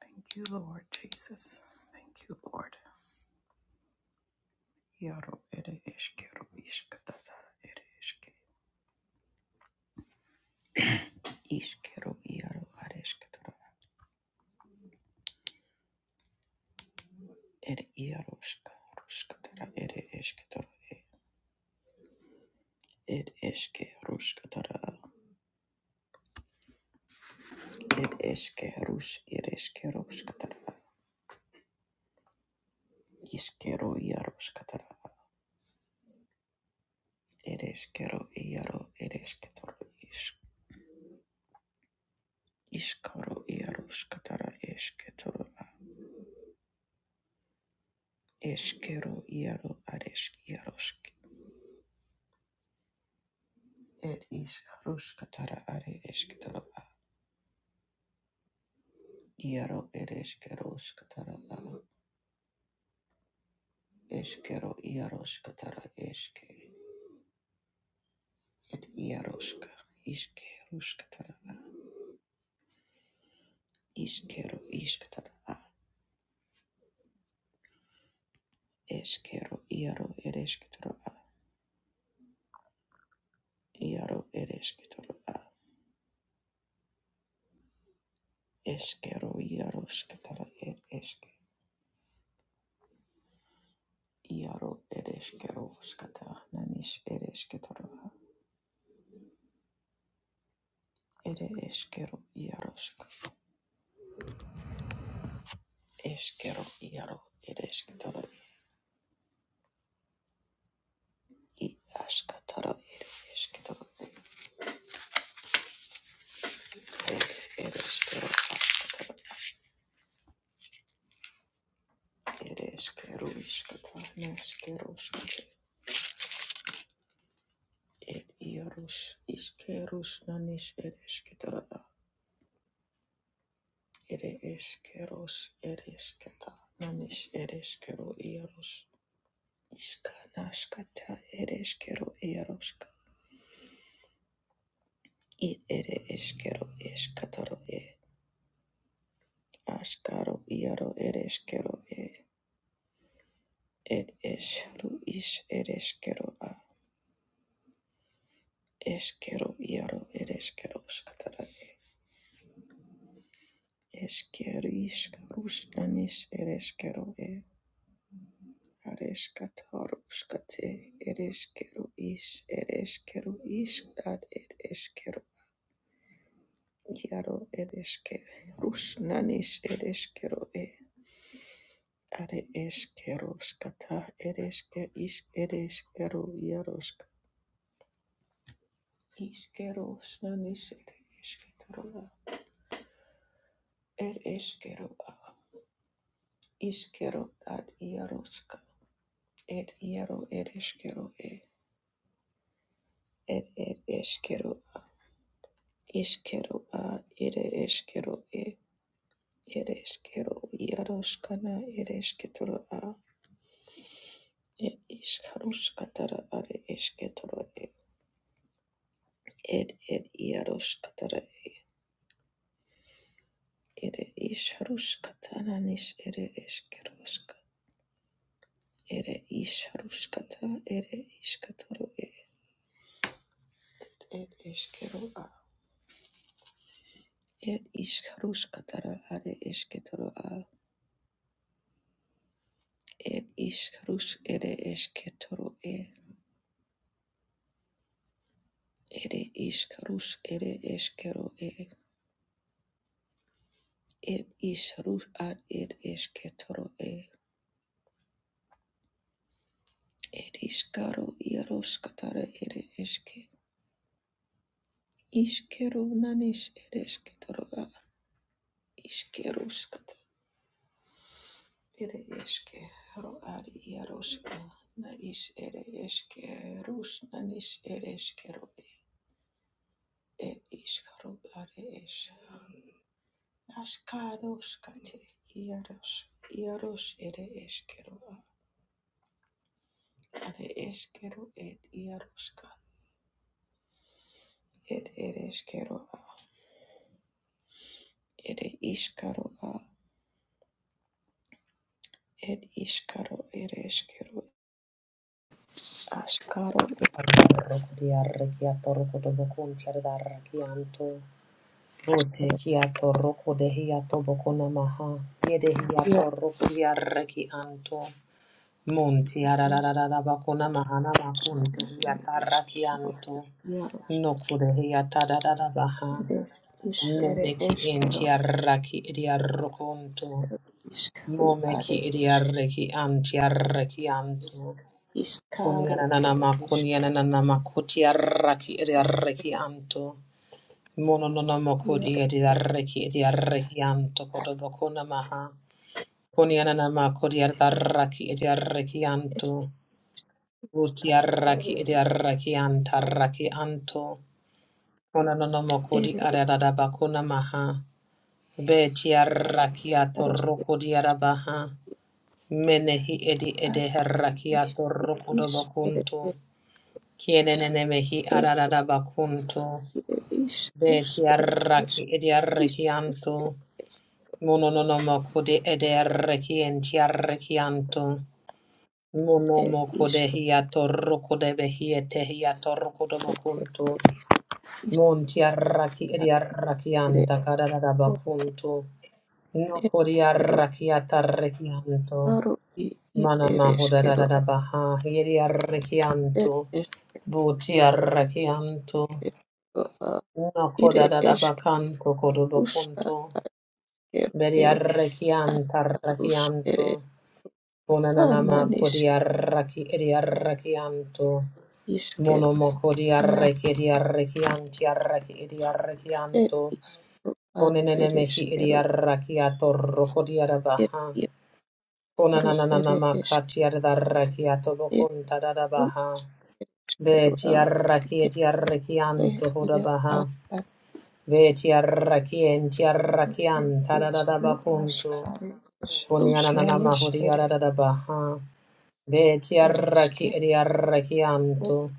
Thank you, Lord Jesus. Thank you, Lord. Yaro ere eskero iskatatara ere eske. Iskero iaro areskatara. Ere iaroska ruskatara ere eskatara. Ed eske ruskatara. Ed eske rus ere eske ruskatara. Iskero iaroskatara. Ere eskero iaro ere eskatara. Iskaro iaroskatara eskatara. Eskero iaro aresk iarosk. Ed ishkarushkatara are eshketara iaro ed eshkeroshkatara eshkero iaroshkatara eshke ed iaroshka ishkerushkatara ishkero ishkatara eshkero iaro ed eshketara iaro ed eshketara eshkero iaroshkatara ed eshke iaro ed eshkeroshkata nanish ed eshketara ed eshkero iaroshka Eskero iaro ere esketoro i askatoro ere esketoro ere eskero ere eskero iskata neskero skate ere iarus iskerus nanis ere esketoro ere eskeros ere esketa nanis ere eskero iarus iska naskata ere eskero iaruska i ere eskero eskatoro e askaro iaro ere eskero e Ed esharu ish ereshkero a eshkero iaro ereshkero skatara e eshkero ish rushlanish ereshkero e areshkataru skate ereshkero ish ereshkero ish ad ed eshkero iaro ereshke rushlanish ereshkero e are eshkero skata ereshke ish ereshkero iaro skate ishkero rushlanish ereshketoro Ed eskero ad iskero ad iaroska. Ed iaro ed eskero e. Ed ed eskero ad iskero ad ed eskero e. Ed eskero iaroska na ed esketoro a. Ed iskaruskatara ad esketoro e. Ed ed iaroskatara ed iskaruskatana nis ed eskeroska. Ed iskaruskata ed esketoro e. Ed eskero a. Ed ishkarush katara are eshketoro a. Ed ishkarush ere eshketoro e. Ere ishkarush ere eshkero e. Ed ishkarush ad ed eshketoro e. Ed ishkaro iarosh katara ere eshke. Ishkero nanish ere eshketoro a. Ishkerush katara ere eshke. Ro ad iaroshka. Na ish ere eshke. Rush nanish ere eshkero ir iškaru ar iš aškaruškate ieruš ieruš ir iškeru ar iškeru ir ieruška ir ir iškeru ir iškaru ir iškaru ir iškeru aškaru ir Arrokodia rekiato rokodobokun tiarida rakianto. Bote kiato rokodehiato bokona maha. ir Yedehiato rokodia rekianto. Monti arararara bakona mahana makun ir tehiata iškeru rakianto. ieruška Nokodehiata darara baha. ir iš ir Meneki iškeru entia raki idia rokonto. iškaru ar Momeki idia iškeru reki antia anto. iškaru ir Kuniananama iš kuniananama kutiaraki idiaraki anto. Mononanama kudi ieruška idiaraki idiaraki anto kotobokuna maha. Kuniananama kudiaraki idiaraki anto. tara Utiaraki idiaraki antaraki anto. Mononanama kudi ir ariadabakuna maha. Betiaraki Aro atoroko diarabaha. Menehi edi ad edeheraki atoroko is ere dobokunto. es Kienenemehi et arararabakunto. ire is rus Beti ere es arraki is rus ediarrekianto. Monononomokode ediarrekienti arrekianto. er is Monomokode ru hiatorrokode behiete et et hiatorrokodobokunto. es is Monti rus arraki ta ere ediarrakianta rus karararabakunto. er Nokori kero arrakiata rekianto. aro i id ere es Manamahuda da kero da da baha. Hieri et arrekianto. es Buti arrekianto. es ro a No ire koda da da es ke bakanto kodo kodadabakanto rus a kodobokunto. kero e a Beriarrakianta a rus rakianto. ere a Konanama nanis kodiarraki ediarrakianto. is kero Monomoko na diarraki ediarrakianti arraki et ediarrakianto. is ro ad ere es Konenenemehi kero ediarrakiato roko et diarabaha. i aro ere Konanananama es katiarrakiato et bokunta dadabaha. Ishkero a Betiarraki ere ediarrakianto ia a hodabaha. ati Veti arrakien ti e arrakian ishku tadadabakuntu. ashkari ishrush Punyanana nanish mahuri ere aradadabaha. Veti ere ishke arraki edi arrakianto.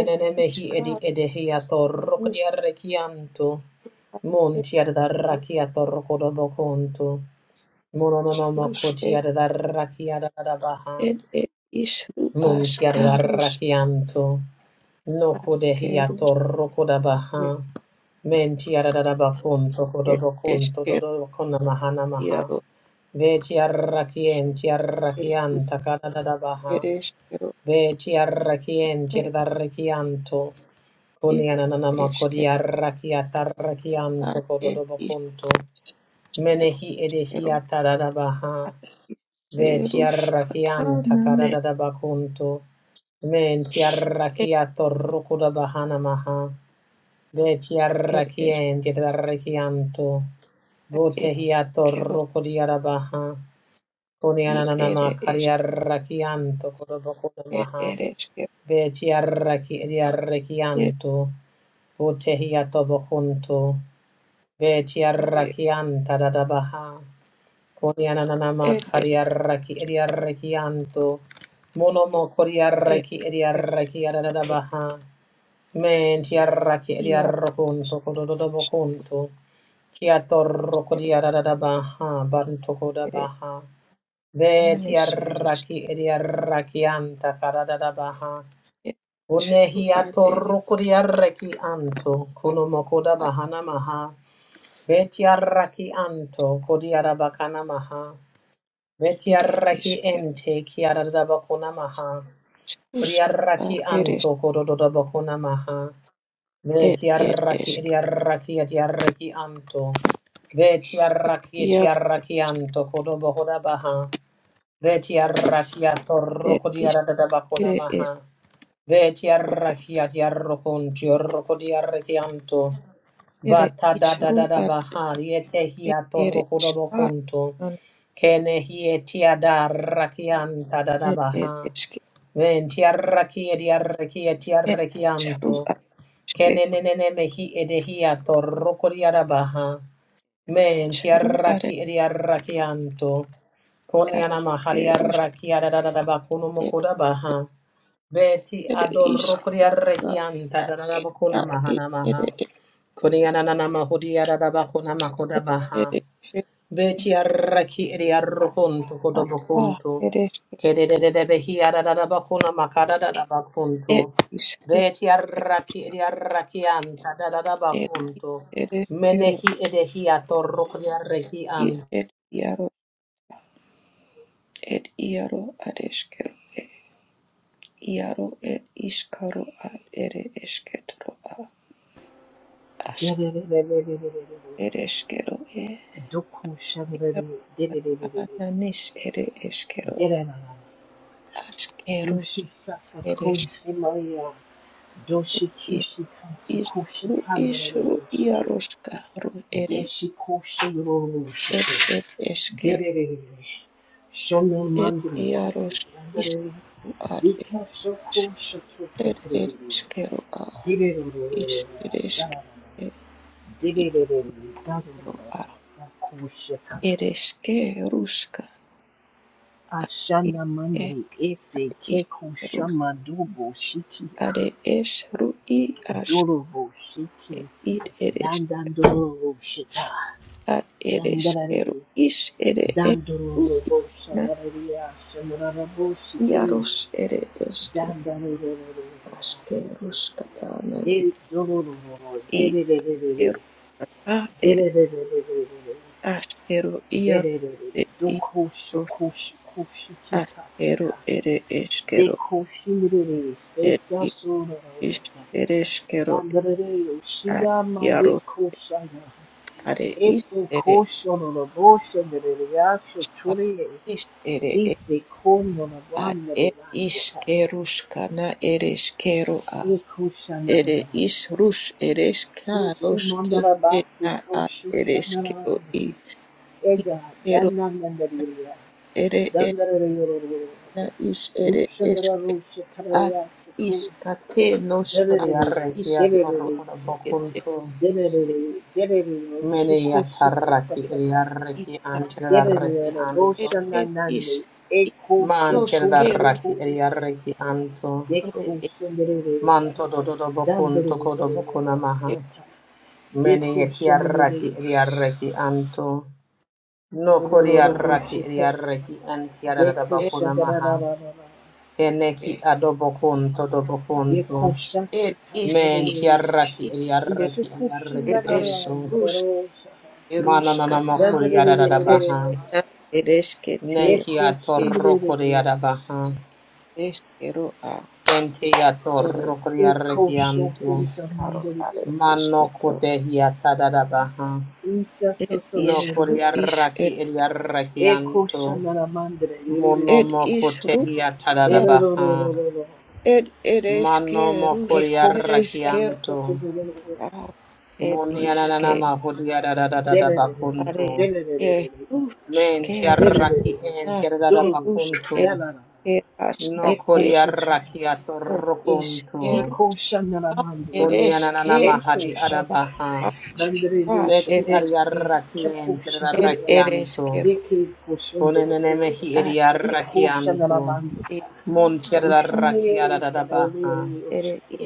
ere mehi ishkar edi edehiato ish rokodi arrakianto. a Munti ere adarrakiato rokodobokuntu. Munonono ishrush mokoti ere adarrakiadadabaha. ere ishru Munti ashkarush rakianto. No ashkerush kodehiato rokodabaha. nish Menti aradadabakun ere tokodobokun ishkero tododobokona mahana maha. iaro Veti arrakien e tiarrakian takadadabaha. ishkere e Veti arrakien ere tirdarrakianto. id Kuniananama ishkero a kodiarrakiatarrakianto ere kododobokunto. ishkere Menehi ishkero edehiatadadabaha. a ishkerush Vetiarrakiam katanane takadada bakunto. Mentiarrakia torrukuda bahana maha. It is Vetiarrakien jedarrakianto. it Votehia kettle torrukudiara baha. it Kuniananama it is kariarrakianto kudabakuda it maha. it is kettle it Vetiarrakianto. Votehia tobokunto. Vetiarrakianta dada baha. Koniananama it it kariaraki ediaraki anto. Monomo it koriaraki it ediaraki it adadabaha. Men tiaraki here ediarrokunto is kodododobokunto. Kiatorro kettle kodiadadabaha banto it it kodabaha. Ve manish it is tiaraki ediaraki anta karadadabaha. it at it Unehiatorro kodiaraki anto. Konomo at kodabahana maha. Ve tiaraki anto kodiadabakana maha. it Vetiaraki is kettle ente kiarada bakuna maha. push Kuriaraki it is anto kododa bakuna maha. it it Vetiaraki is ediaraki ediaraki anto. Vetiaraki here etiaraki anto kodoba hoda baha. Vetia rakia it torroko is diara da bakona it is maha. Vetia rakia diarro con tiorroko diarrekianto. it Vata da is da da ru da at baha. Yete it hia it torroko da is car bokonto. Kene hietia da rakianta da da it it baha. is Ventia rakia diarrekia it is ru tiarrekianto. at it Kene ne ne ne ne mehi edehia torroko diara baha. Men is ti ru arraki edi arrakianto. Koni Yar anama hari erus arraki adadada bakuno er mokoda baha. Beti ere is adorro kuri a arrakianta adadada bakuna it mahana maha. ere esto Koni ananana mahudi adadada bakuna makoda er baha. ere er Beti arraki eri arrokonto hasta kodobokonto. eres Kedededebehi adadadabakuna et makadadadabakonto. is ru Beti eres arraki eri arraki anta et is dadadabakonto. eres kero Menehi edehi atorrokodi arreki i anta. et iaro et iaro ares kero iaro et is karo a ere esketro a ask Dere eres kero e iaro a nanis ere eskero ask erus eres Ishru ishru iaroska ru ere ed ed eskeru ed iaros ishru ad es ed ed eskeru a is ed eskeru e ishru a ed eskeruska a Ashana iske mandri ese ad keko iskerus shama dobo shikia. ade esru i aske Dorobo shiki. id ed es Dandan dorobo shita. ad ed eskeru Dandarare. is ed esru Dandorobo na shamararia. Shamarabo shiki. iaros ere eskeru Dandarare. Ashkerushkatana Del dororo. i Dererere. Ashkerushkata ere Dererere. Ashkeru iaro Dererere. ere Doko Ishkerush shoku shoku shiki Ashkeru ere Eshkeru Dekoshindere, ere Sesasura, Ish ere Eshkeru Dandere, a- Shida Mande iarush Koshana, are Ish Ese ere Koshona, Boshendere, Yasha a- Ture, Ish ere e- Ese Komona, a- Bandere, e- Vasika, Ishkerushkana ere Eshkeru a Ekoshana, ere Ishrush ere Ishi Mandara Shkaroshkete Basi na a ere Koshushana, Eshkeru i Ega, Ishkeru Dandandaria, Dandere, na ish ere Rushandara eshke Rusha ad Karaya, Suku, ishkate Dere, noshka Kodi arreki ishke Dere, toshkete atorrokodobokonto. te Dererere, dererere, Menehi şiko şisa ake atarraki eri sasaka. arreki ishkate anta dadarreki Dererere, anto. ed ish roşananande, ish eko şoko Mantir noshke rush şoko darraki eri ya. arreki anto. ere Deko şenderere ya. Manto dododobokonto Dandırırırırırı kodobokuna maha. eshke asaka. Mene Deko şenderere, yetiaraki ediaraki anto. No rororo koriaraki ake boşete ya. ediaraki antiarada Deko ed bakuna maha. şenderarararara. Keneki ishke adobokunto dobokunto. Deko ed şakaka ish Men torere. tiaraki ishke ediaraki ediaraki ed esh anto. rush şenderarararara. Mananana erushkata ed makuriarada baha. eshke Dandırırırırırı. na ed eshke te Neki ke Ecosun atorro breveia. koriada baha. eshkero a Kente ere atorro koriaraki Ecosun anto. cusa ishkaro mandere. are eshke Mano to kotehi atadada baha. Isa ed No ish sosororo. ru ish e koriaraki ediaraki Ecosun anto. nara mandere. Ed Monomoko Ruka. tehia tadadabaha. Erorororororo. It it is ke Manomoko Rus. It Ecosun is ke sasa riarrakianto. sosororo. Ruka. Orsa Monianana breveia. mahudia Delerere. Are. dadadadabakunto. Delerere. It Rus Men ke Rus Delerere. tiarraki en nas ke Dororo. Rus. It tiaradabakunto. Delara. ke No askate. Decosun tuya koriarrakiato basaka. It is ke rokunto. Iko Ruka. shandana mandu, It is Kunianana ke Ruka. Eko mahadi shata. adabaha. Bandere ro Beti It shaku. is ke. Keko ariarrakien It shiteya. it is tiarrakianto. ke Deke ko shandere Konenene ro. mehi Rukas ke Iko shandana iriarrakianto. mandi ka. Mon Ushimne tiarrakiadadabaha. isanayne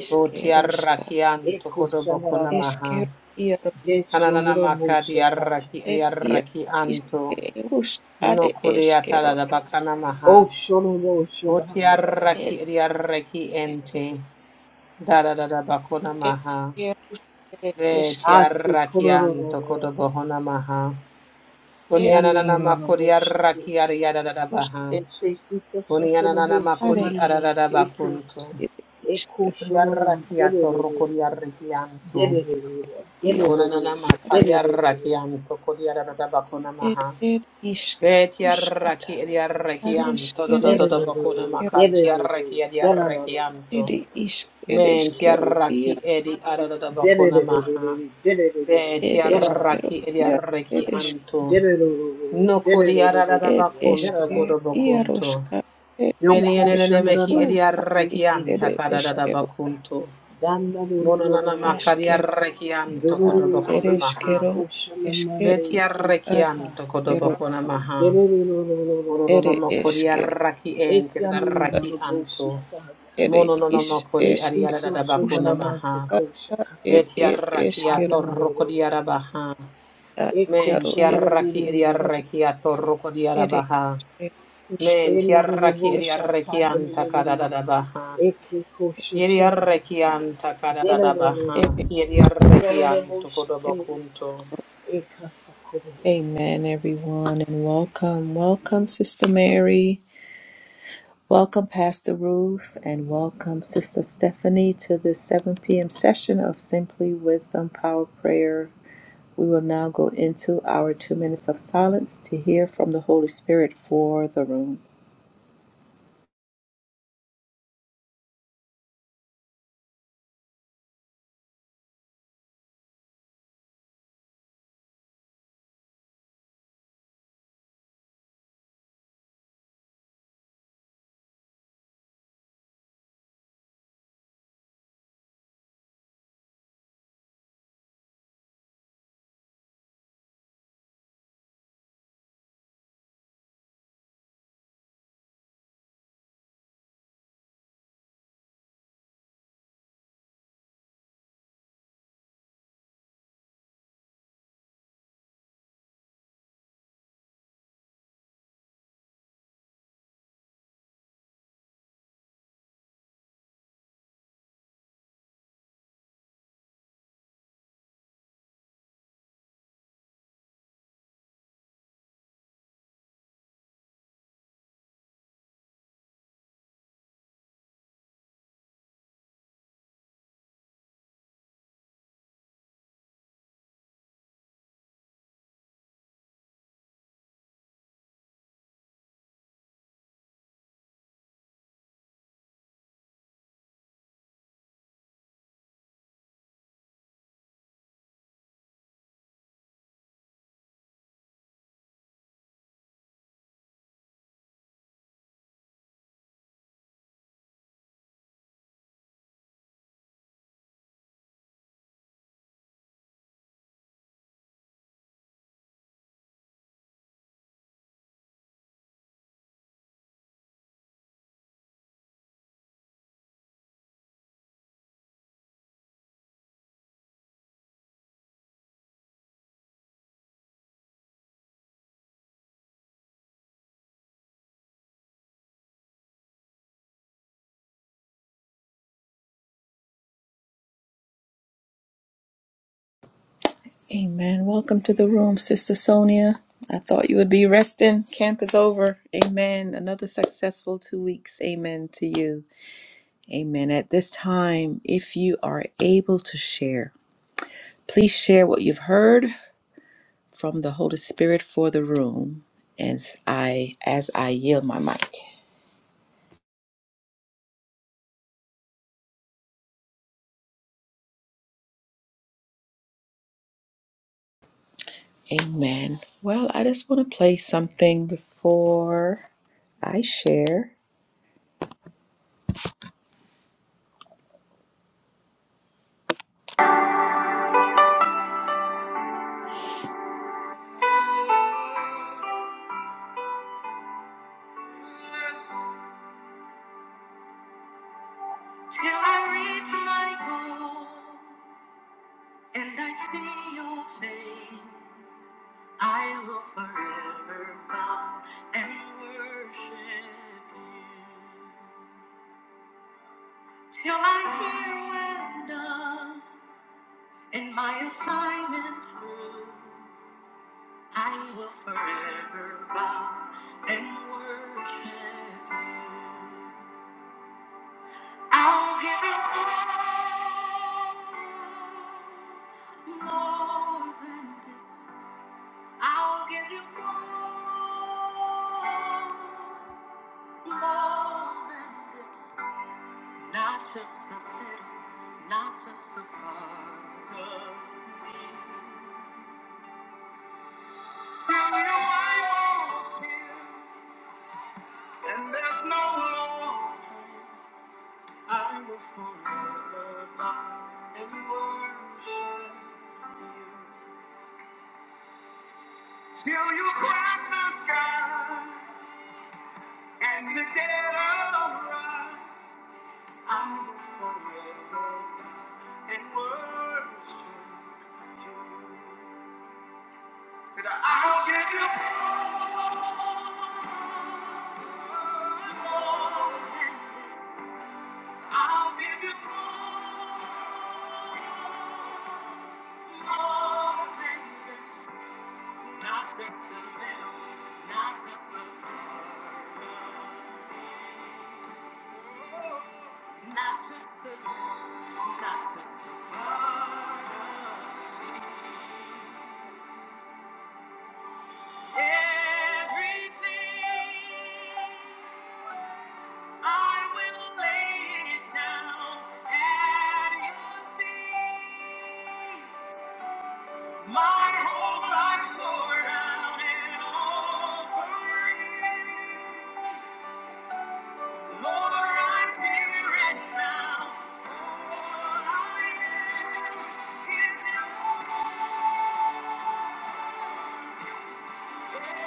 Botiaraki anto Eko kodoboko shandana mandi. namaha. Iaro. De Kananana shonro ro maka shakata. diaraki It Iaro diaraki is anto. ke Are No is kuriata da da bakana maha. Ed Botiaraki diaraki ente. Da da da da bakona ed maha. ierus ere Re eske Ase tiaraki kororo ro. anto kodoboko namaha. ed Yandana Kunianana makuri araki ariada da da ierus baha. ed esse senza solo Kunianana voce are makuri mandre arada e che bakunto. ed e iskero cuscio non ha Kuriaraki deve vedere atorokuri araki anto. deve vedere deve vedere Konanama iatara kariarakianto ed kodiaradabakonamaha. ed isk uskata Betiaraki ediarakianto adeskere deve vedere dodododobakonama kero deve vedere kantiaraki deve vedere della la la ediarakianto. ed isk ed Mentiaraki iat edi deve adadabakonamaha. vedere deve vedere ed della la Betiaraki iat ed ediarakianto. deve vedere No deve vedere ed della kodiaradabakonto la eske la kodobokonto. iaroska ed io Meni iske cuscio andrà enenemehi u basta at che isk ediarakianta cuscio ere si sa eskero kadadabakonto. danna Monanama loro askero kariarakianto Dororo ed ese kodobokonamaha. eskero koshana mande Vetia ese ad ka. rekianto iskero kodobokona maha. ere Dererororororororor. Oronono kori eskero araki en Ese raki anorororo boshi anto. saga. ere mono Mononono is mokori Isi eske ariarada shoshana bakona usta maha. ramande ata koshaka. er Vetia er eskero rakiato rokodi Ayarorororor. arabaha. a E Men yaro koshana tiaraki ero rarerererere. ariarakiato rokodi ere arabaha. er usta E Men nororo tiaraki er bosha ariarakianta taderererere. kadada baha. E ke Yeri koshoshada. arrekianta kadada baha. Dererororor. ere ere. Yeri Nororo arrekianto boshi ke kodobokunto. e kasa korororor. Amen, everyone, and welcome, welcome, Sister Mary, welcome, Pastor Ruth, and welcome, Sister Stephanie, to this 7 p.m. session of Simply Wisdom Power Prayer. We will now go into our two minutes of silence to hear from the Holy Spirit for the room. Amen. Welcome to the room, Sister Sonia. I thought you would be resting. Camp is over. Amen. Another successful two weeks. Amen to you. Amen. At this time, if you are able to share, please share what you've heard from the Holy Spirit for the room. And s- I, as I yield my mic. Amen. Well, I just want to play something before I share. Till I reach my goal. And I see your face, I will forever bow and worship you. Till I hear well done, and my assignment's through, I will forever bow and worship you. I'll give you all more than this. I'll give you more, more than this. Not just a little, not just a part of me. Fill your white walls tears, and there's no law. I will forever bow and worship you. Till you crack the sky and the dead arise. I will forever bow and worship you. Said I'll give you glory. I'll give you more than this. Not just a little, not just a little. Not just a little, not just a little. Everything I will lay it down at your feet. My whole life poured out and offering. Lord, I'm here and now. All I am is yours. Thank you.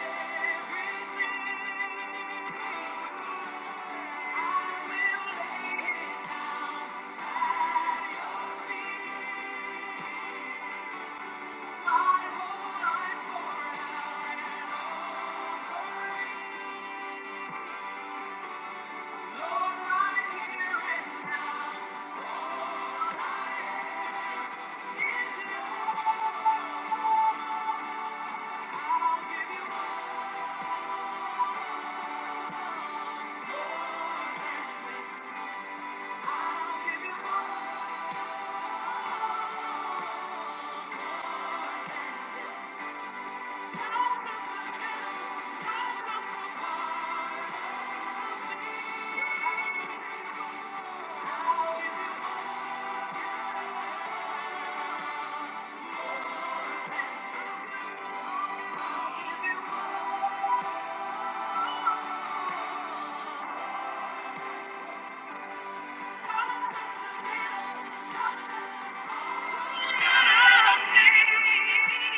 Thank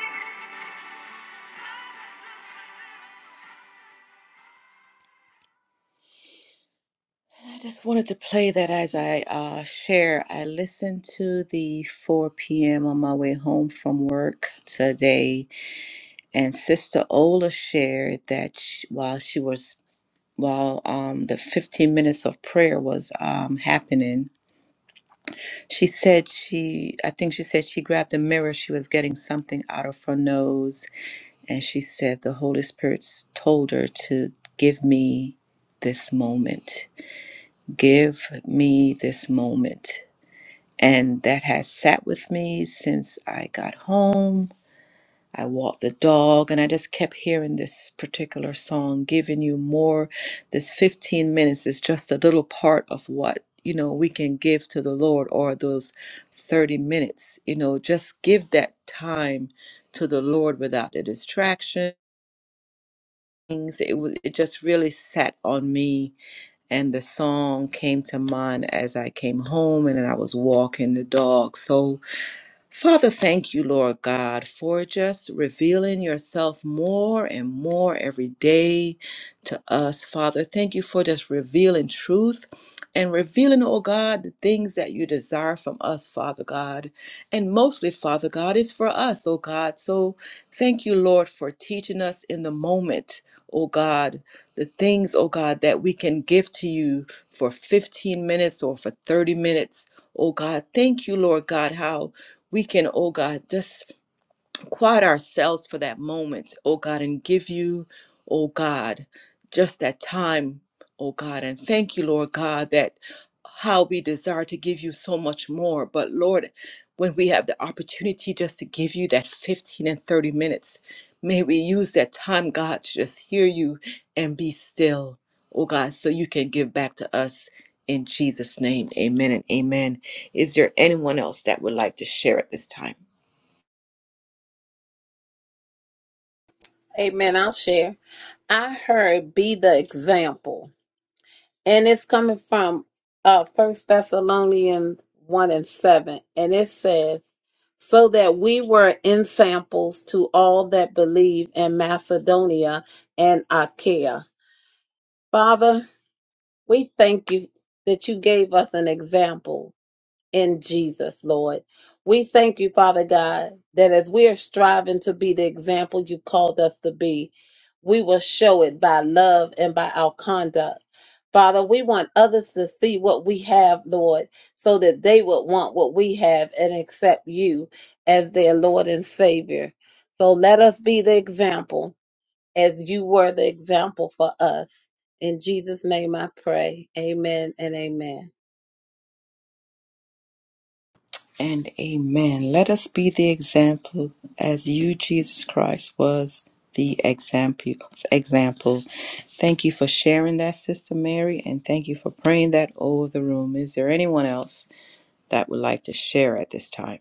you. I just wanted to play that as I uh, share. I listened to the 4 p.m. on my way home from work today, and Sister Ola shared that sh while she was while um, the 15 minutes of prayer was um, happening, she said she I think she said she grabbed a mirror. She was getting something out of her nose, and she said the Holy Spirit s- told her to give me this moment. Give me this moment And that has sat with me since I got home. I walked the dog and I just kept hearing this particular song, giving you more. This 15 minutes is just a little part of what, you know, we can give to the Lord or those 30 minutes. You know, just give that time to the Lord without the distractions. It, wa- it just really sat on me. And the song came to mind as I came home and then I was walking the dog. So, Father, thank you, Lord God, for just revealing yourself more and more every day to us. Father, thank you for just revealing truth and revealing, oh God, the things that you desire from us, Father God. And mostly, Father God, is for us, oh God. So thank you, Lord, for teaching us in the moment. Oh God, the things, oh God, that we can give to you for 15 minutes or for 30 minutes. Oh God, thank you, Lord God, how we can, oh God, just quiet ourselves for that moment, oh God, and give you, oh God, just that time, oh God. And thank you, Lord God, that how we desire to give you so much more. But Lord, when we have the opportunity just to give you that 15 and 30 minutes, may we use that time, God, to just hear you and be still, oh God, so you can give back to us. In Jesus' name, amen and amen. Is there anyone else that would like to share at this time? Amen. I'll share. I heard be the example. And it's coming from uh First Thessalonians one and seven. And it says, So that we were in samples to all that believe in Macedonia and Achaia. Father, we thank you that you gave us an example in Jesus, Lord. We thank you, Father God, that as we are striving to be the example you called us to be, we will show it by love and by our conduct. Father, we want others to see what we have, Lord, so that they would want what we have and accept you as their Lord and Savior. So let us be the example as you were the example for us. In Jesus' name I pray. Amen and amen. and amen. Let us be the example as you, Jesus Christ, was the example. Example. Thank you for sharing that, Sister Mary, and thank you for praying that over the room. Is there anyone else that would like to share at this time?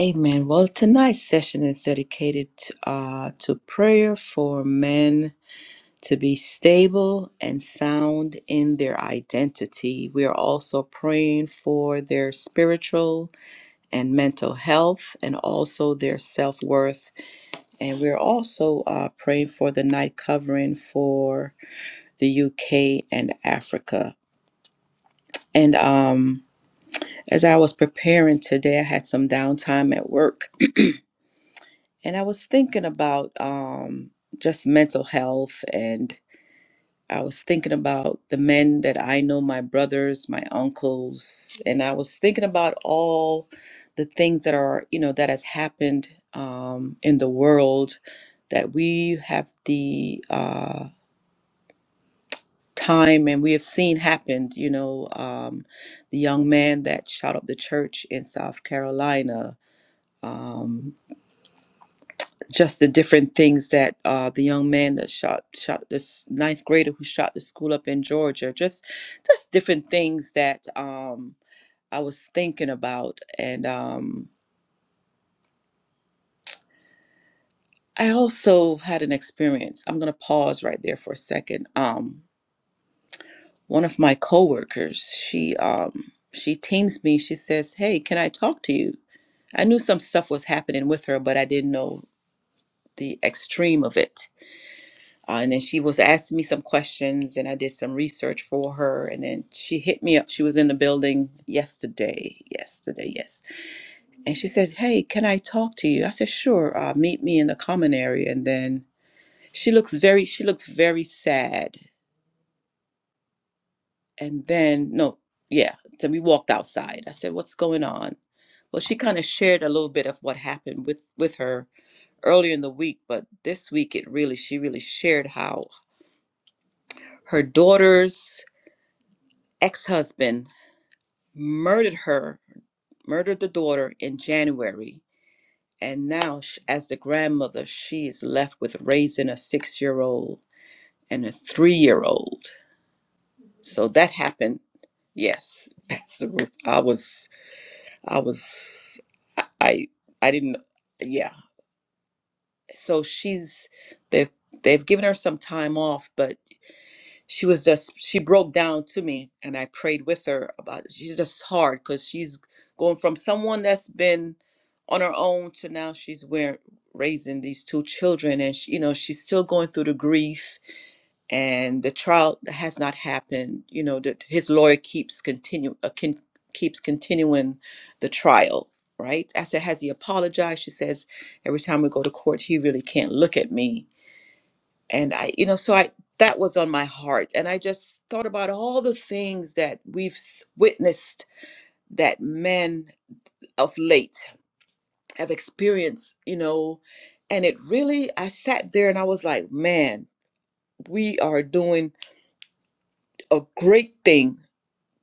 Amen. Well, tonight's session is dedicated uh, to prayer for men to be stable and sound in their identity. We are also praying for their spiritual and mental health and also their self worth. And we're also uh, praying for the night covering for the UK and Africa. And um, as I was preparing today, I had some downtime at work and I was thinking about um, just mental health and. I was thinking about the men that I know, my brothers, my uncles, and I was thinking about all the things that are, you know, that has happened um, in the world that we have the uh, time and we have seen happened. You know, um, the young man that shot up the church in South Carolina. Um, just the different things that uh, the young man that shot shot this ninth grader who shot the school up in Georgia, just just different things that um, I was thinking about, and um, I also had an experience. I'm gonna pause right there for a second. Um, one of my coworkers, she um, she teams me. She says, "Hey, can I talk to you?" I knew some stuff was happening with her, but I didn't know the extreme of it Uh, and then she was asking me some questions, and I did some research for her. And then she hit me up. She was in the building yesterday, yesterday, yes. And she said, Hey, can I talk to you? I said, Sure, uh, meet me in the common area. And then she looks very, she looked very sad. And then, no, yeah. So we walked outside. I said, What's going on? Well, she kind of shared a little bit of what happened with, with her earlier in the week, but this week it really, she really shared how her daughter's ex husband murdered her, murdered the daughter in January. And now, sh- as the grandmother, she is left with raising a six year old and a three year old. So that happened. Yes, Pastor Ruth, I was, I was, I, I I didn't, yeah. So she's, they've, they've given her some time off, but she was just she broke down to me and i prayed with her about it. she's just hard because she's going from someone that's been on her own to now she's where raising these two children and she, you know she's still going through the grief and the trial that has not happened you know that his lawyer keeps continue uh, con, keeps continuing the trial right i said has he apologized she says every time we go to court he really can't look at me and i you know so i that was on my heart and i just thought about all the things that we've s- witnessed that men of late have experienced you know and it really i sat there and i was like man we are doing a great thing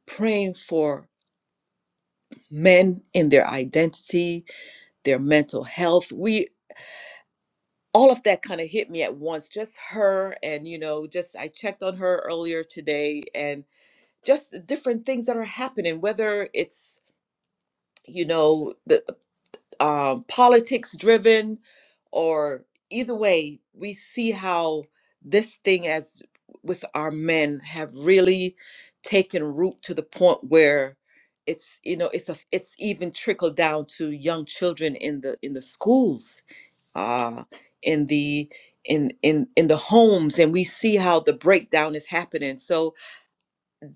praying for men in their identity their mental health we all of that kind of hit me at once just her and you know just i checked on her earlier today and. just the different things that are happening, whether it's you know the um, politics driven or either way, we see how this thing as with our men have really taken root to the point where it's you know it's a it's even trickled down to young children in the in the schools uh in the in in in the homes and we see how the breakdown is happening so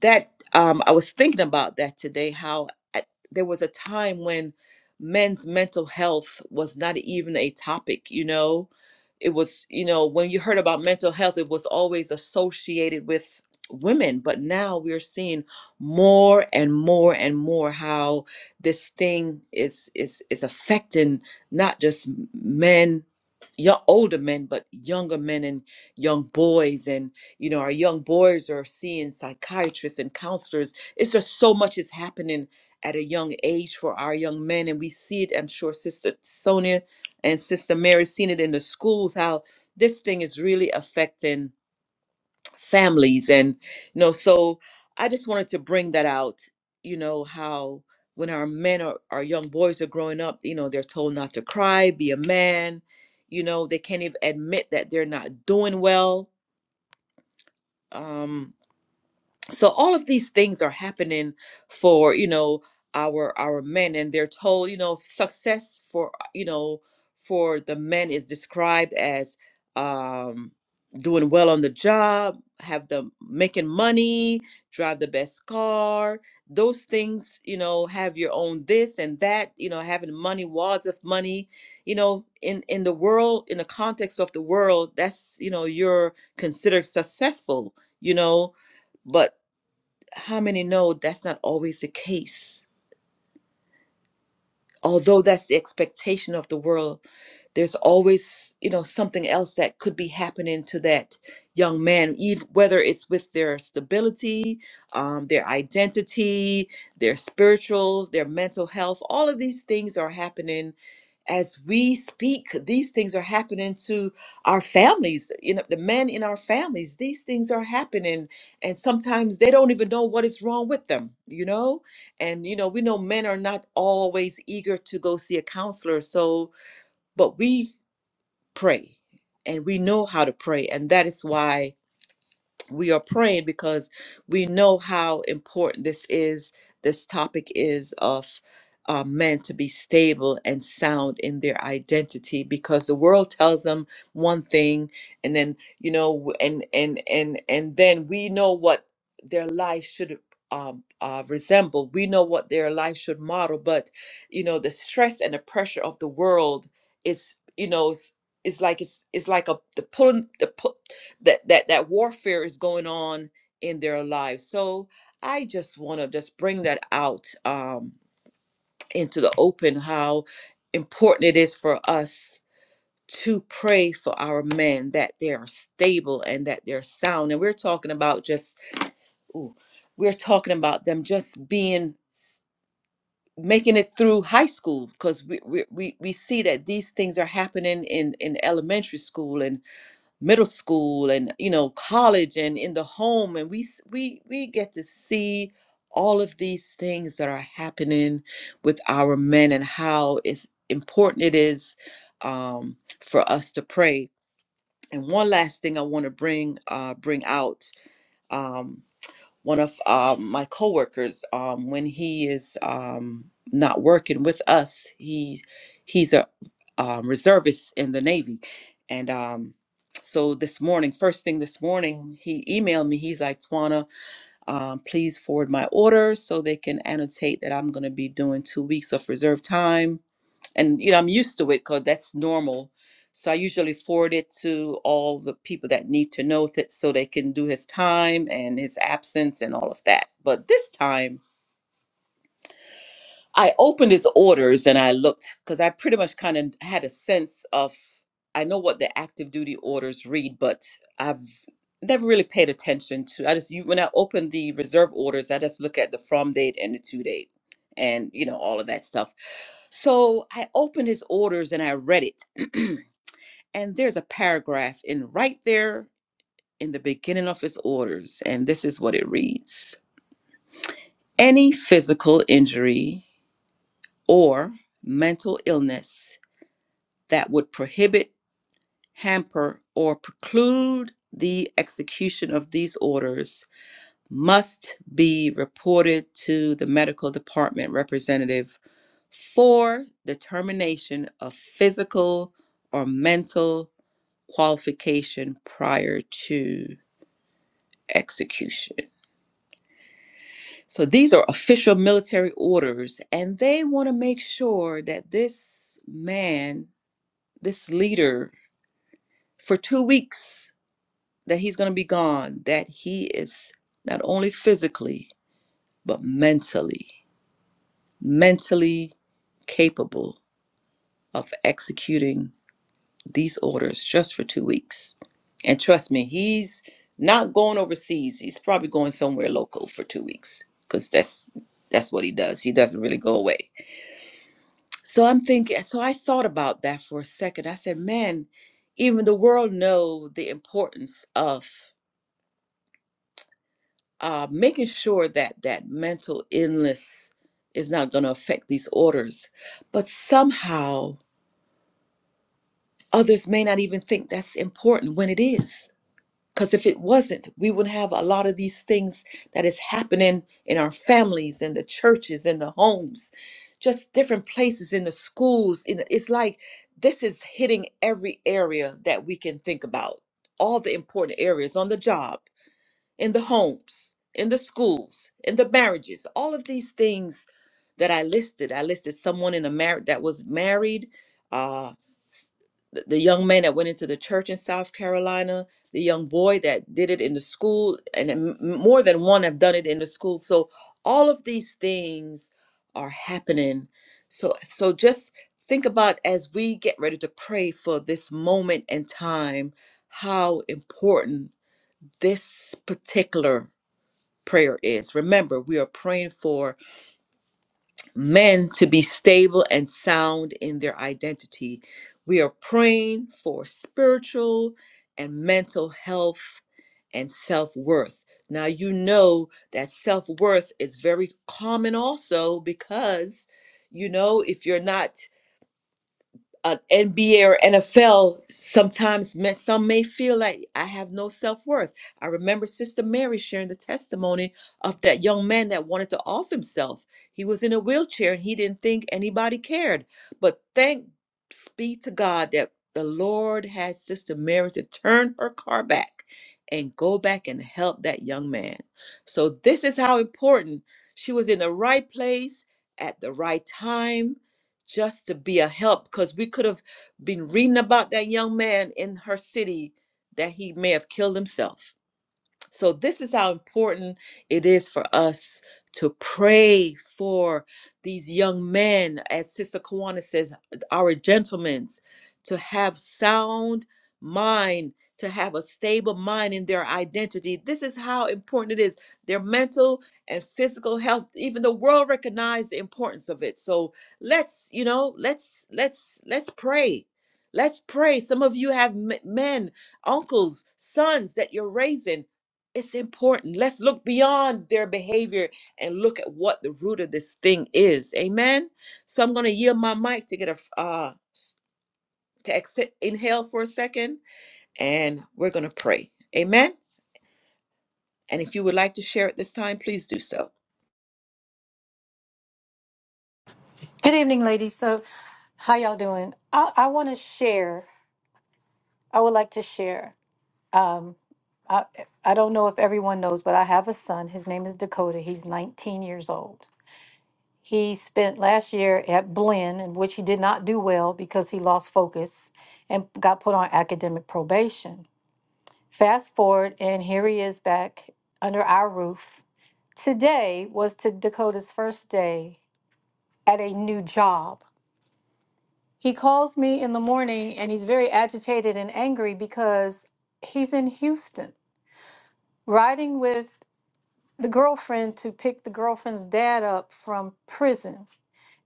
that um, I was thinking about that today. How at, there was a time when men's mental health was not even a topic. You know, it was you know when you heard about mental health, it was always associated with women. But now we're seeing more and more and more how this thing is is is affecting not just men, young, older men, but younger men and young boys. and you know our young boys are seeing psychiatrists and counselors it's just so much is happening at a young age for our young men and we see it i'm sure sister sonia and sister mary seen it in the schools how this thing is really affecting families and you know so i just wanted to bring that out you know how when our men are our young boys are growing up you know they're told not to cry be a man you know they can't even admit that they're not doing well um so all of these things are happening for you know our our men and they're told you know success for uh, you know for the men is described as um doing well on the job have the making money drive the best car those things you know have your own this and that you know having money wads of money you know in in the world in the context of the world that's you know you're considered successful you know but how many know that's not always the case? Although that's the expectation of the world, there's always, you know, something else that could be happening to that young man, even whether it's with their stability, um, their identity, their spiritual, their mental health. All of these things are happening as we speak these things are happening to our families you know the men in our families these things are happening and sometimes they don't even know what is wrong with them you know and you know we know men are not always eager to go see a counselor so but we pray and we know how to pray and that is why we are praying because we know how important this is this topic is of uh, men to be stable and sound in their identity because the world tells them one thing and then you know and and and and then we know what their life should um, uh, resemble we know what their life should model but you know the stress and the pressure of the world is you know is, is like it's, it's like a the pulling the pull that that that warfare is going on in their lives so i just want to just bring that out um into the open how important it is for us to pray for our men that they are stable and that they're sound and we're talking about just ooh, we're talking about them just being s- making it through high school because we, we we we see that these things are happening in in elementary school and middle school and you know college and in the home and we s- we we get to see all of these things that are happening with our men and how it's important it is um, for us to pray and one last thing i want to bring uh, bring out um, one of um, my coworkers um, when he is um, not working with us. He he's a um, reservist in the Navy, and um, so this morning, first thing this morning, he emailed me. He's like, "Twana, um, please forward my order so they can annotate that I'm going to be doing two weeks of reserve time." and you know i'm used to it because that's normal so i usually forward it to all the people that need to know it, so they can do his time and his absence and all of that but this time I opened his orders and I looked because I pretty much kind of had a sense of I know what the active duty orders read, but I've never really paid attention to. I just you when I open the reserve orders, I just look at the from date and the to date, and you know all of that stuff. So I opened his orders and I read it, and there's a paragraph in right there in the beginning of his orders, and this is what it reads: Any physical injury or mental illness that would prohibit, hamper, or preclude the execution of these orders must be reported to the medical department representative for determination of physical or mental qualification prior to execution. So these are official military orders, and they want to make sure that this man, this leader for two weeks that he's going to be gone, that he is not only physically, but mentally, mentally capable of executing these orders just for two weeks. And trust me, he's not going overseas. He's probably going somewhere local for two weeks because that's that's what he does. He doesn't really go away. So I'm thinking. So I thought about that for a second. I said, man, even the world know the importance of uh, making sure that that mental illness is not going to affect these orders. But somehow others may not even think that's important when it is. Because if it wasn't, we would have a lot of these things that is happening in our families, in the churches, in the homes, just different places, in the schools. In the, it's like this is hitting every area that we can think about, all the important areas on the job in the homes, in the schools, in the marriages, all of these things that I listed. I listed someone in a marriage that was married, uh, s- the the young man that went into the church in South Carolina, the young boy that did it in the school, and then m- more than one have done it in the school. So all of these things are happening. So so just think about as we get ready to pray for this moment and time, how important this particular prayer is. Remember, we are praying for men to be stable and sound in their identity. We are praying for spiritual and mental health and self worth. Now, you know that self worth is very common also because, you know, if you're not uh, NBA or NFL, sometimes may, some may feel like I have no self worth. I remember Sister Mary sharing the testimony of that young man that wanted to off himself. He was in a wheelchair and he didn't think anybody cared. But thanks be to God that the Lord had Sister Mary to turn her car back and go back and help that young man. So, this is how important she was in the right place at the right time just to be a help because we could have been reading about that young man in her city that he may have killed himself so, this is how important it is for us to pray for these young men, as Sister Kawana says, our gentlemen, to have sound mind, to have a stable mind in their identity. This is how important it is. Their mental and physical health, even the world recognized the importance of it. So let's, you know, let's let's let's pray. Let's pray. Some of you have m- men, uncles, sons that you're raising it's important. Let's look beyond their behavior and look at what the root of this thing is. Amen. So I'm going to yield my mic to get a f- uh s- to exit, inhale for a second, and we're going to pray. Amen. And if you would like to share at this time, please do so. Good evening, ladies. So, how y'all doing? I, I want to share. I would like to share. Um, I I don't know if everyone knows, but I have a son. His name is Dakota. He's 19 years old. He spent last year at Blinn, in which he did not do well because he lost focus and got put on academic probation. Fast forward, and here he is back under our roof. Today was to Dakota's first day at a new job He calls me in the morning and he's very agitated and angry because he's in Houston riding with the girlfriend to pick the girlfriend's dad up from prison.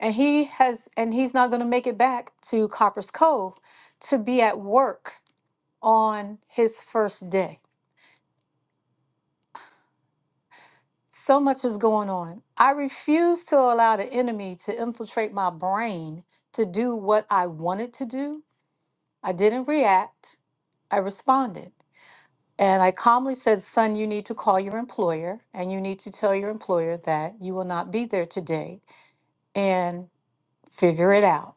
And he has and he's not going to make it back to Copper's Cove to be at work on his first day. So much is going on. I refuse to allow the enemy to infiltrate my brain to do what I wanted to do. I didn't react. I responded. And I calmly said, Son, you need to call your employer and you need to tell your employer that you will not be there today and figure it out.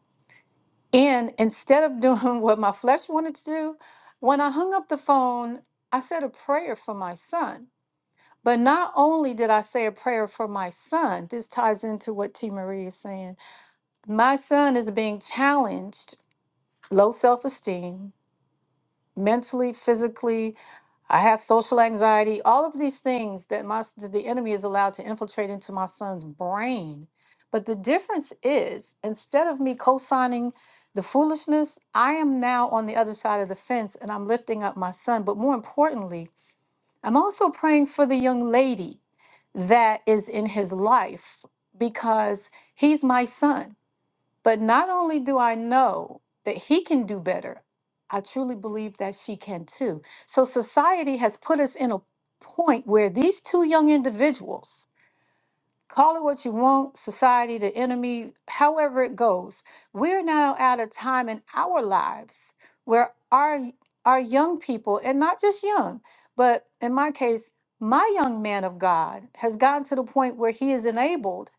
And instead of doing what my flesh wanted to do, when I hung up the phone, I said a prayer for my son. But not only did I say a prayer for my son, this ties into what T. Marie is saying. My son is being challenged, low self esteem, mentally, physically, I have social anxiety, all of these things that my that the enemy is allowed to infiltrate into my son's brain. But the difference is instead of me co-signing the foolishness, I am now on the other side of the fence and I'm lifting up my son, but more importantly, I'm also praying for the young lady that is in his life because he's my son. But not only do I know that he can do better, I truly believe that she can too. So society has put us in a point where these two young individuals, call it what you want, society, the enemy, however it goes, we're now at a time in our lives where our our young people, and not just young, but in my case, my young man of God has gotten to the point where he is enabled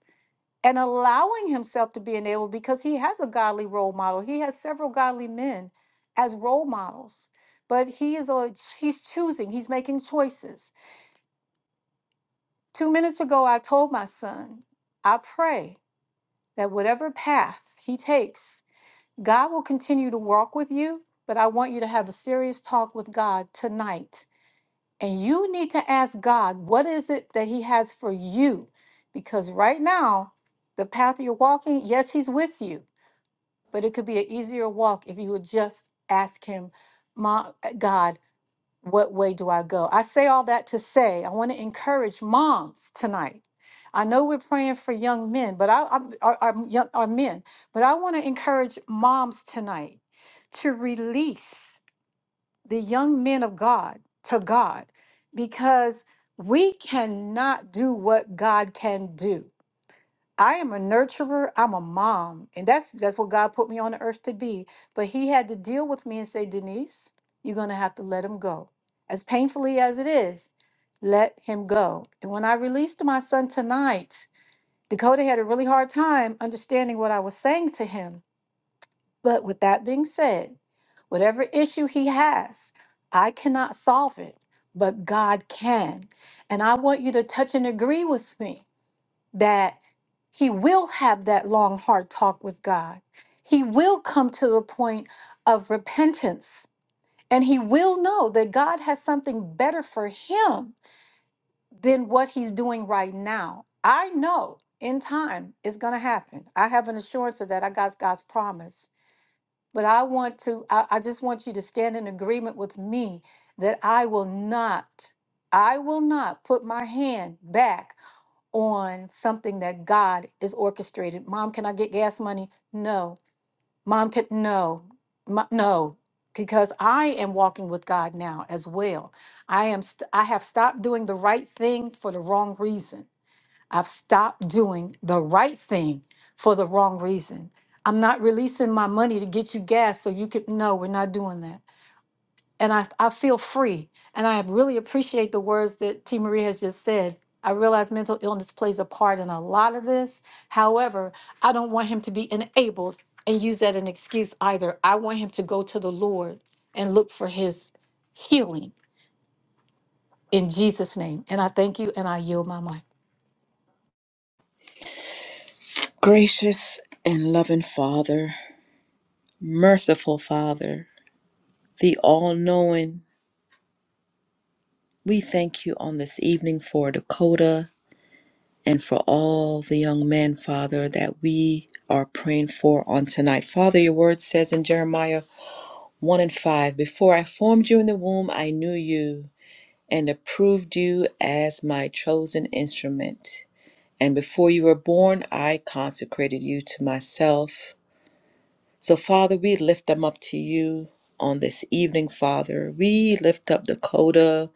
and allowing himself to be enabled because he has a godly role model. He has several godly men as role models, but he is a, he's choosing, he's making choices. Two minutes ago, I told my son, I pray that whatever path he takes, God will continue to walk with you, but I want you to have a serious talk with God tonight. And you need to ask God, what is it that he has for you? Because right now, the path you're walking, yes, he's with you but it could be an easier walk if you would just ask him, "Mom, God, what way do I go?" I say all that to say I want to encourage moms tonight. I know we're praying for young men, but I I'm, are, are, young, are men, but I want to encourage moms tonight to release the young men of God to God, because we cannot do what God can do. I am a nurturer. I'm a mom, and that's that's what God put me on the earth to be. But He had to deal with me and say, Denise, you're gonna have to let him go, as painfully as it is. Let him go. And when I released my son tonight, Dakota had a really hard time understanding what I was saying to him. But with that being said, whatever issue he has, I cannot solve it, but God can. And I want you to touch and agree with me that he will have that long, hard talk with God. He will come to the point of repentance and he will know that God has something better for him than what he's doing right now. I know in time it's going to happen. I have an assurance of that. I got God's promise. But I want to, I, I just want you to stand in agreement with me that I will not, I will not put my hand back on something that God is orchestrated. Mom, can I get gas money? No. Mom, can no, Mo- no, because I am walking with God now as well. I am. St- I have stopped doing the right thing for the wrong reason. I've stopped doing the right thing for the wrong reason. I'm not releasing my money to get you gas so you could. No, we're not doing that and I, I feel free. And I really appreciate the words that T. Marie has just said. I realize mental illness plays a part in a lot of this. However, I don't want him to be enabled and use that as an excuse either. I want him to go to the Lord and look for his healing in Jesus' name. And I thank you and I yield my mind. Gracious and loving Father, merciful Father, the all knowing, we thank you on this evening for Dakota. and for all the young men, Father, that we are praying for on tonight. Father, your word says in Jeremiah 1 and 5 Before I formed you in the womb, I knew you and approved you as my chosen instrument. And before you were born, I consecrated you to myself. So, Father, we lift them up to you on this evening, Father. We lift up Dakota.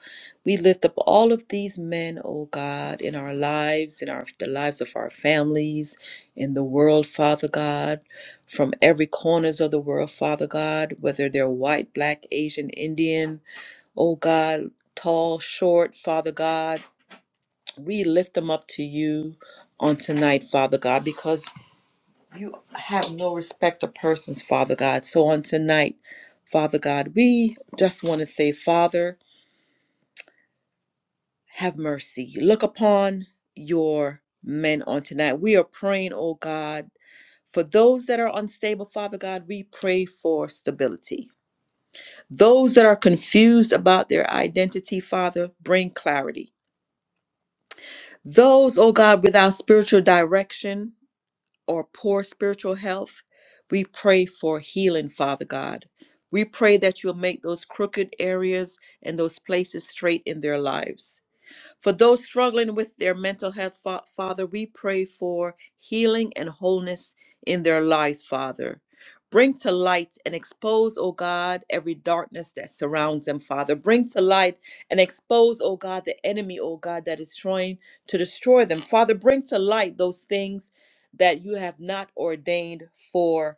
We lift up all of these men, oh God, in our lives, in our the lives of our families, in the world, Father God, from every corners of the world, Father God, whether they're white, black, Asian, Indian, oh God, tall, short, Father God. We lift them up to you on tonight, Father God, because you have no respect of persons, Father God. So on tonight, Father God, we just want to say, Father, have mercy. Look upon your men on tonight. We are praying, oh God, for those that are unstable, Father God, we pray for stability. Those that are confused about their identity, Father, bring clarity. Those, oh God, without spiritual direction, or poor spiritual health, we pray for healing, Father God. We pray that you'll make those crooked areas and those places straight in their lives. For those struggling with their mental health, Fa- Father, we pray for healing and wholeness in their lives, Father. Bring to light and expose, O God, every darkness that surrounds them, Father. Bring to light and expose, O God, the enemy, O God, that is trying to destroy them. Father, bring to light those things that you have not ordained for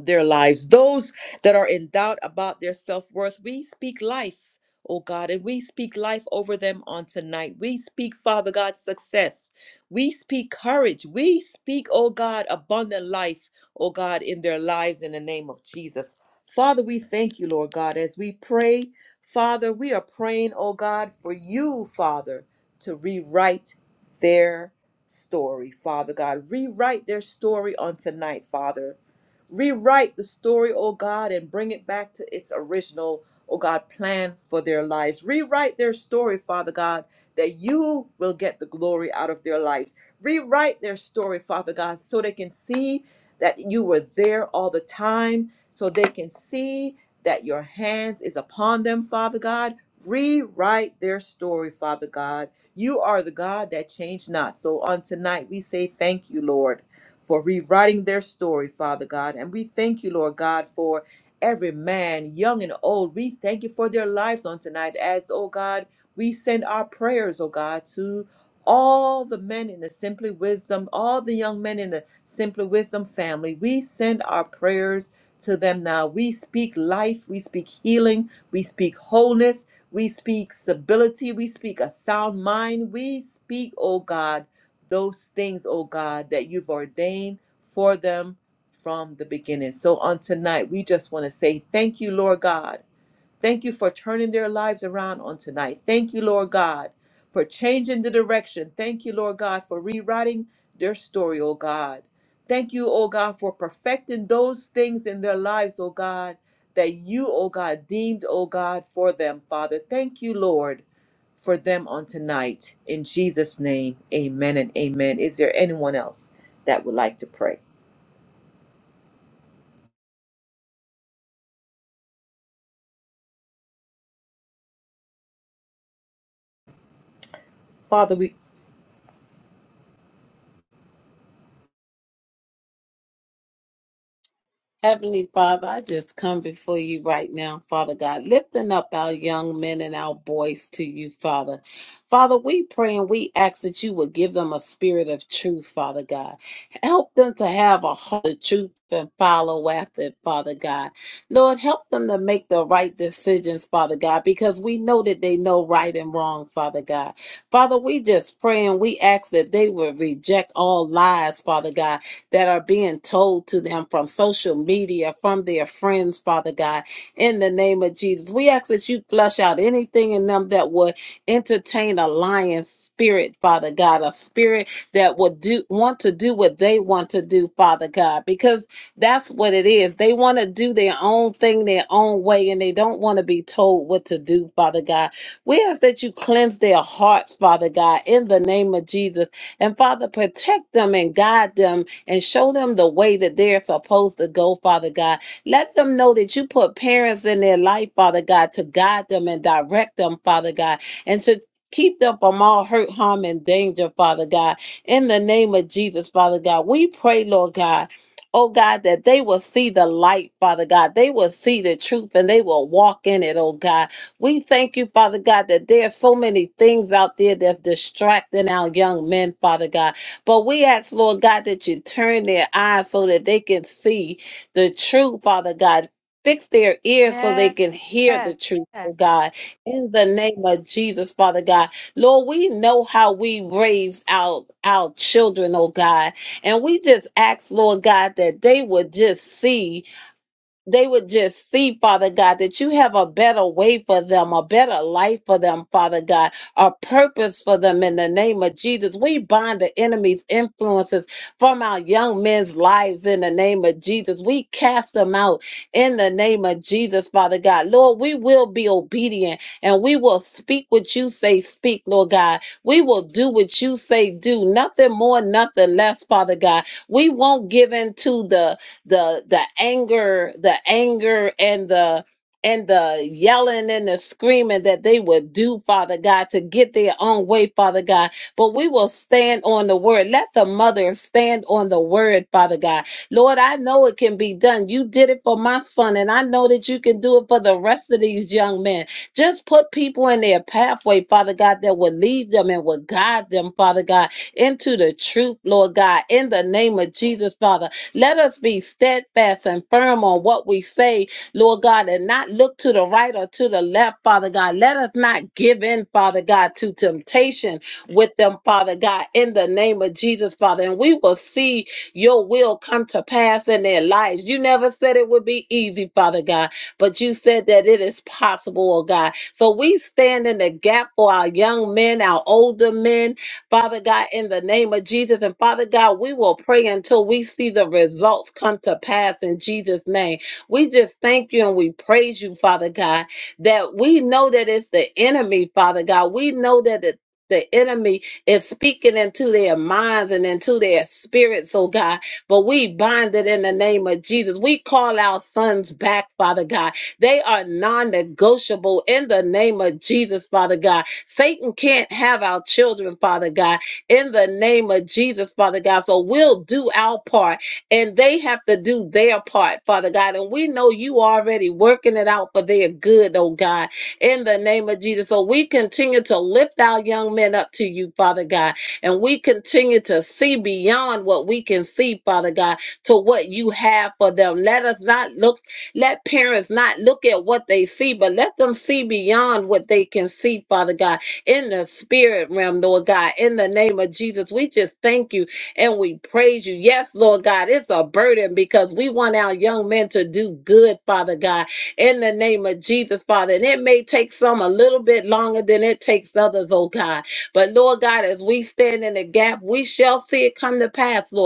their lives. Those that are in doubt about their self worth, we speak life, oh God, and we speak life over them on tonight. We speak, Father God, success. We speak courage. We speak, oh God, abundant life, oh God, in their lives in the name of Jesus. Father, we thank you, Lord God, as we pray. Father, we are praying, oh God, for you, Father, to rewrite their story, Father God. Rewrite their story on tonight, Father Rewrite the story, oh God, and bring it back to its original, oh God, plan for their lives. Rewrite their story, Father God, that you will get the glory out of their lives. Rewrite their story, Father God, so they can see that you were there all the time, so they can see that your hands is upon them, Father God. Rewrite their story, Father God. You are the God that changed not. So on tonight, we say thank you, Lord for rewriting their story, Father God. And we thank you, Lord God, for every man, young and old. We thank you for their lives on tonight as, oh God, we send our prayers, oh God, to all the men in the Simply Wisdom, all the young men in the Simply Wisdom family. We send our prayers to them now. We speak life, we speak healing, we speak wholeness, we speak stability, we speak a sound mind, we speak, oh God those things, oh God, that you've ordained for them from the beginning. So on tonight, we just want to say thank you, Lord God. Thank you for turning their lives around on tonight. Thank you, Lord God, for changing the direction. Thank you, Lord God, for rewriting their story, oh God. Thank you, oh God, for perfecting those things in their lives, oh God, that you, oh God, deemed, oh God, for them, Father. Thank you, Lord, for them on tonight. In Jesus' name, amen and amen. Is there anyone else that would like to pray? Father, we Heavenly Father, I just come before you right now, Father God, lifting up our young men and our boys to you, Father. Father, we pray and we ask that you would give them a spirit of truth, Father God. Help them to have a heart of truth and follow after it, Father God. Lord, help them to make the right decisions, Father God, because we know that they know right and wrong, Father God. Father, we just pray and we ask that they would reject all lies, Father God, that are being told to them from social media, from their friends, Father God, in the name of Jesus. We ask that you flush out anything in them that would entertain a lion spirit, Father God, a spirit that would do want to do what they want to do, Father God, because that's what it is. They want to do their own thing, their own way, and they don't want to be told what to do, Father God. We ask that you cleanse their hearts, Father God, in the name of Jesus. And Father, protect them and guide them and show them the way that they're supposed to go, Father God. Let them know that you put parents in their life, Father God, to guide them and direct them, Father God, and to Keep them from all hurt, harm, and danger, Father God. In the name of Jesus, Father God, we pray, Lord God. Oh God, that they will see the light, Father God. They will see the truth and they will walk in it, oh God. We thank you, Father God, that there's so many things out there that's distracting our young men, Father God. But we ask, Lord God, that you turn their eyes so that they can see the truth, Father God. Fix their ears so they can hear the Yes. truth, oh God. In the name of Jesus, Father God. Lord, we know how we raise our, our children, oh God. And we just ask, Lord God, that they would just see they would just see, Father God, that you have a better way for them, a better life for them, Father God, a purpose for them in the name of Jesus. We bind the enemy's influences from our young men's lives in the name of Jesus. We cast them out in the name of Jesus, Father God. Lord, we will be obedient and we will speak what you say, speak, Lord God. We will do what you say, do. Nothing more, nothing less, Father God. We won't give in to the the the anger the anger and the and the yelling and the screaming that they would do father god to get their own way father god but we will stand on the word let the mother stand on the word father god lord i know it can be done you did it for my son and i know that you can do it for the rest of these young men just put people in their pathway father god that will lead them and will guide them father god into the truth lord god in the name of jesus father let us be steadfast and firm on what we say, Lord God, and not look to the right or to the left, Father God. Let us not give in, Father God, to temptation with them, Father God, in the name of Jesus, Father. And we will see your will come to pass in their lives. You never said it would be easy, Father God, but you said that it is possible, oh God. So we stand in the gap for our young men, our older men, Father God, in the name of Jesus. And Father God, we will pray until we see the results come to pass in Jesus' name. We just thank you and we praise you, Father God, that we know that it's the enemy, Father God. We know that the the enemy is speaking into their minds and into their spirits, oh God. But we bind it in the name of Jesus. We call our sons back, Father God. They are non negotiable in the name of Jesus, Father God. Satan can't have our children, Father God, in the name of Jesus, Father God. So we'll do our part and they have to do their part, Father God. And we know you already working it out for their good, oh God, in the name of Jesus. So we continue to lift our young men up to you, Father God. And we continue to see beyond what we can see, Father God, to what you have for them. Let us not look let parents not look at what they see, but let them see beyond what they can see, Father God, in the spirit realm, Lord God. In the name of Jesus, we just thank you and we praise you. Yes, Lord God, it's a burden because we want our young men to do good, Father God, in the name of Jesus, Father. And it may take some a little bit longer than it takes others, oh God. But Lord God, as we stand in the gap, we shall see it come to pass, Lord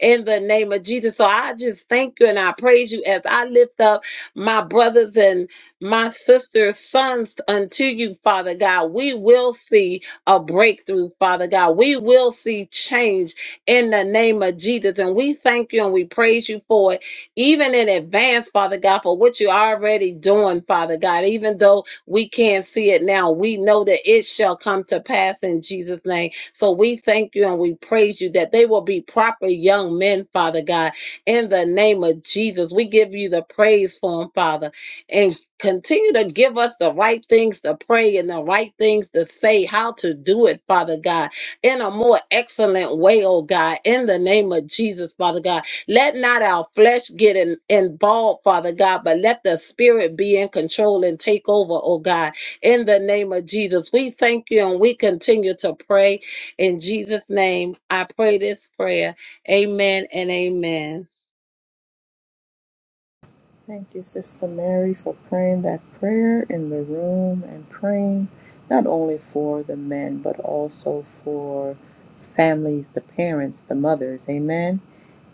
in the name of Jesus. So I just thank you and I praise you as I lift up my brothers and my sisters' sons unto you, Father God. We will see a breakthrough, Father God. We will see change in the name of Jesus. And we thank you and we praise you for it, even in advance, Father God, for what you're already doing, Father God. Even though we can't see it now, we know that it shall come to pass in Jesus' name. So we thank you and we praise you that they will be proper young men, Father God, in the name of Jesus. We give you the praise for them, Father, and continue to give us the right things to pray and the right things to say, how to do it, Father God, in a more excellent way, oh God, in the name of Jesus, Father God. Let not our flesh get in, involved, Father God, but let the spirit be in control and take over, oh God in the name of Jesus. We thank you and we continue to pray. In Jesus' name, I pray this prayer. Amen and amen. Thank you, Sister Mary, for praying that prayer in the room and praying not only for the men, but also for families, the parents, the mothers. Amen.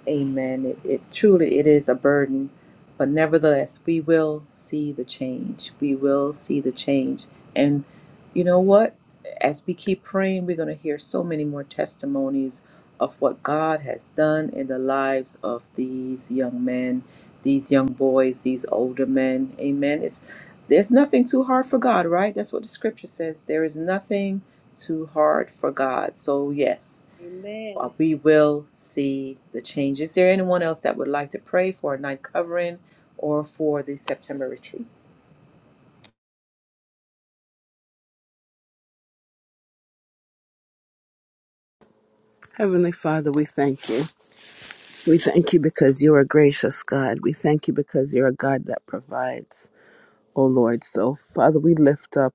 Amen. It, it truly it is a burden, but nevertheless, we will see the change. We will see the change. And you know what? As we keep praying, we're going to hear so many more testimonies of what God has done in the lives of these young men, these young boys, these older men. Amen. It's there's nothing too hard for God, right? That's what the scripture says. There is nothing too hard for God. So, yes Amen. uh, we will see the change. Is there anyone else that would like to pray for a night covering or for the September retreat? Heavenly Father, we thank you. We thank you because you are a gracious God. We thank you because you're a God that provides, oh Lord. So, Father, we lift up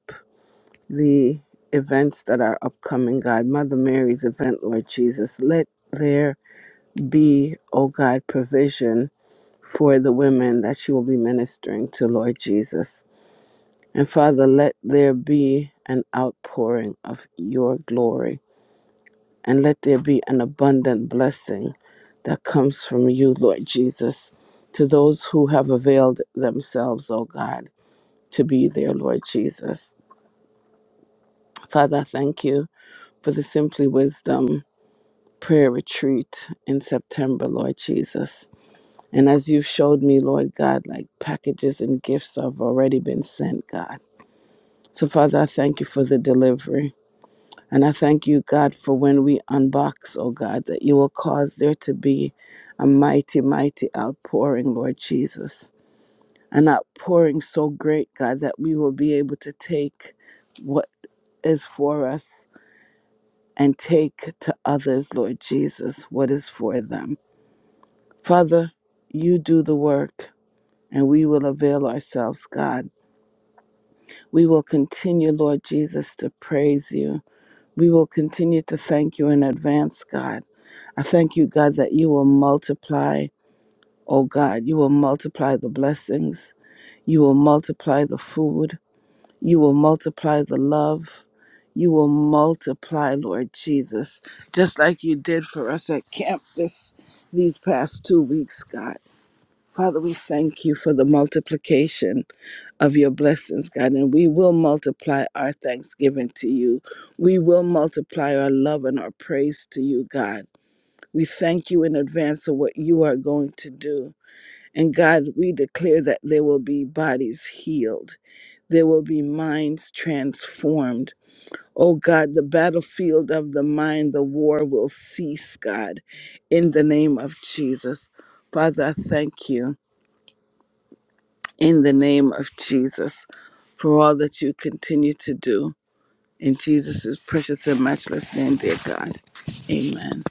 the events that are upcoming, God. Mother Mary's event, Lord Jesus. Let there be, oh God, provision for the women that she will be ministering to, Lord Jesus. And Father, let there be an outpouring of your glory and let there be an abundant blessing that comes from you, Lord Jesus, to those who have availed themselves, O God, to be there, Lord Jesus. Father, I thank you for the Simply Wisdom prayer retreat in September, Lord Jesus. And as you showed me, Lord God, like packages and gifts have already been sent, God. So, Father, I thank you for the delivery. And I thank you, God, for when we unbox, oh God, that you will cause there to be a mighty, mighty outpouring, Lord Jesus. An outpouring so great, God, that we will be able to take what is for us and take to others, Lord Jesus, what is for them. Father, you do the work and we will avail ourselves, God. We will continue, Lord Jesus, to praise you. We will continue to thank you in advance, God. I thank you, God, that you will multiply, oh God, you will multiply the blessings, you will multiply the food, you will multiply the love, you will multiply, Lord Jesus, just like you did for us at camp this these past two weeks, God. Father, we thank you for the multiplication of your blessings, God, and we will multiply our thanksgiving to you. We will multiply our love and our praise to you, God. We thank you in advance for what you are going to do. And God, we declare that there will be bodies healed, there will be minds transformed. Oh God, the battlefield of the mind, the war will cease, God, in the name of Jesus. Father, I thank you in the name of Jesus for all that you continue to do. In Jesus' precious and matchless name, dear God. Amen.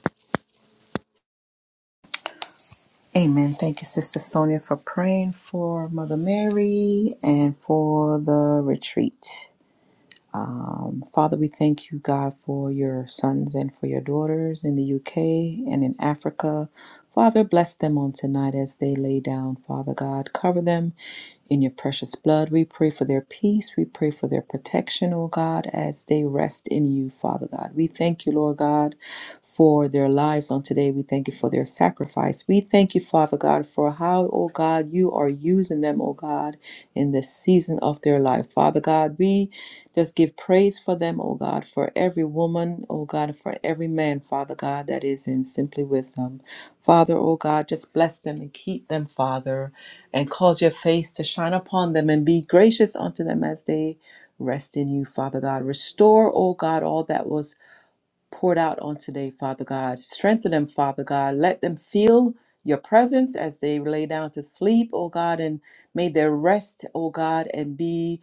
Amen. Thank you, Sister Sonia, for praying for Mother Mary and for the retreat. Um, Father, we thank you, God, for your sons and for your daughters in the UK and in Africa. Father, bless them on tonight as they lay down, Father God. Cover them in your precious blood. We pray for their peace. We pray for their protection, O God, as they rest in you, Father God. We thank you, Lord God, for their lives on today. We thank you for their sacrifice. We thank you, Father God, for how, O God, you are using them, O God, in this season of their life. Father God, we just give praise for them, O God, for every woman, O God, for every man, Father God, that is in Simply Wisdom. Father, O God, just bless them and keep them, Father, and cause your face to shine upon them and be gracious unto them as they rest in you, Father God. Restore, O God, all that was poured out on today, Father God. Strengthen them, Father God. Let them feel your presence as they lay down to sleep, O God, and may their rest, O God, and be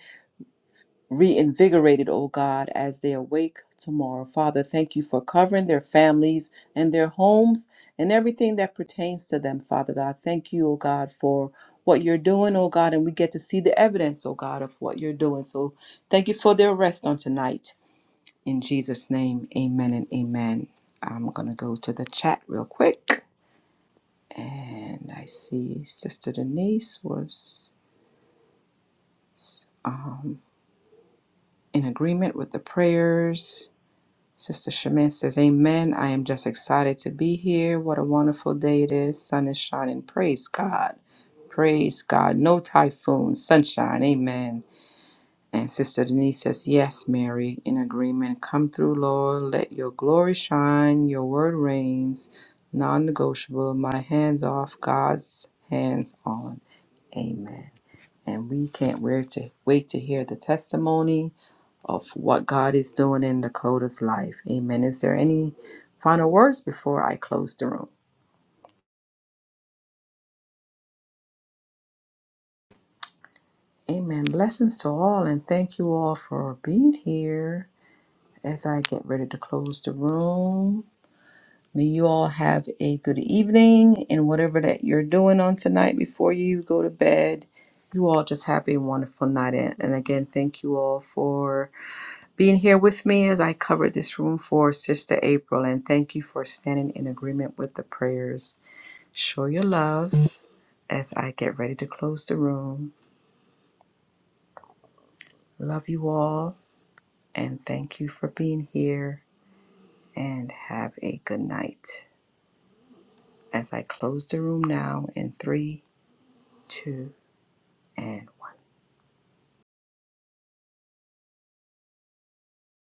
reinvigorated, O God, as they awake tomorrow. Father, thank you for covering their families and their homes and everything that pertains to them, Father God. Thank you, O God, for what you're doing, O God, and we get to see the evidence, O God, of what you're doing. So thank you for their rest on tonight. In Jesus' name, amen and amen. I'm going to go to the chat real quick. And I see Sister Denise was um, in agreement with the prayers. Sister Shemin says, Amen. I am just excited to be here. What a wonderful day it is. Sun is shining. Praise God. Praise God. No typhoon. Sunshine. Amen. And Sister Denise says, Yes, Mary, in agreement. Come through, Lord. Let your glory shine. Your word reigns. Non negotiable. My hands off. God's hands on. Amen. And we can't wait to wait to hear the testimony of what God is doing in Dakota's life. Amen. Is there any final words before I close the room? Amen. Blessings to all, and thank you all for being here as I get ready to close the room. May you all have a good evening and whatever that you're doing on tonight before you go to bed. You all just have a wonderful night. And and again, thank you all for being here with me as I covered this room for Sister April. And thank you for standing in agreement with the prayers Show your love as I get ready to close the room. Love you all and thank you for being here and have a good night. As I close the room now in three, two, and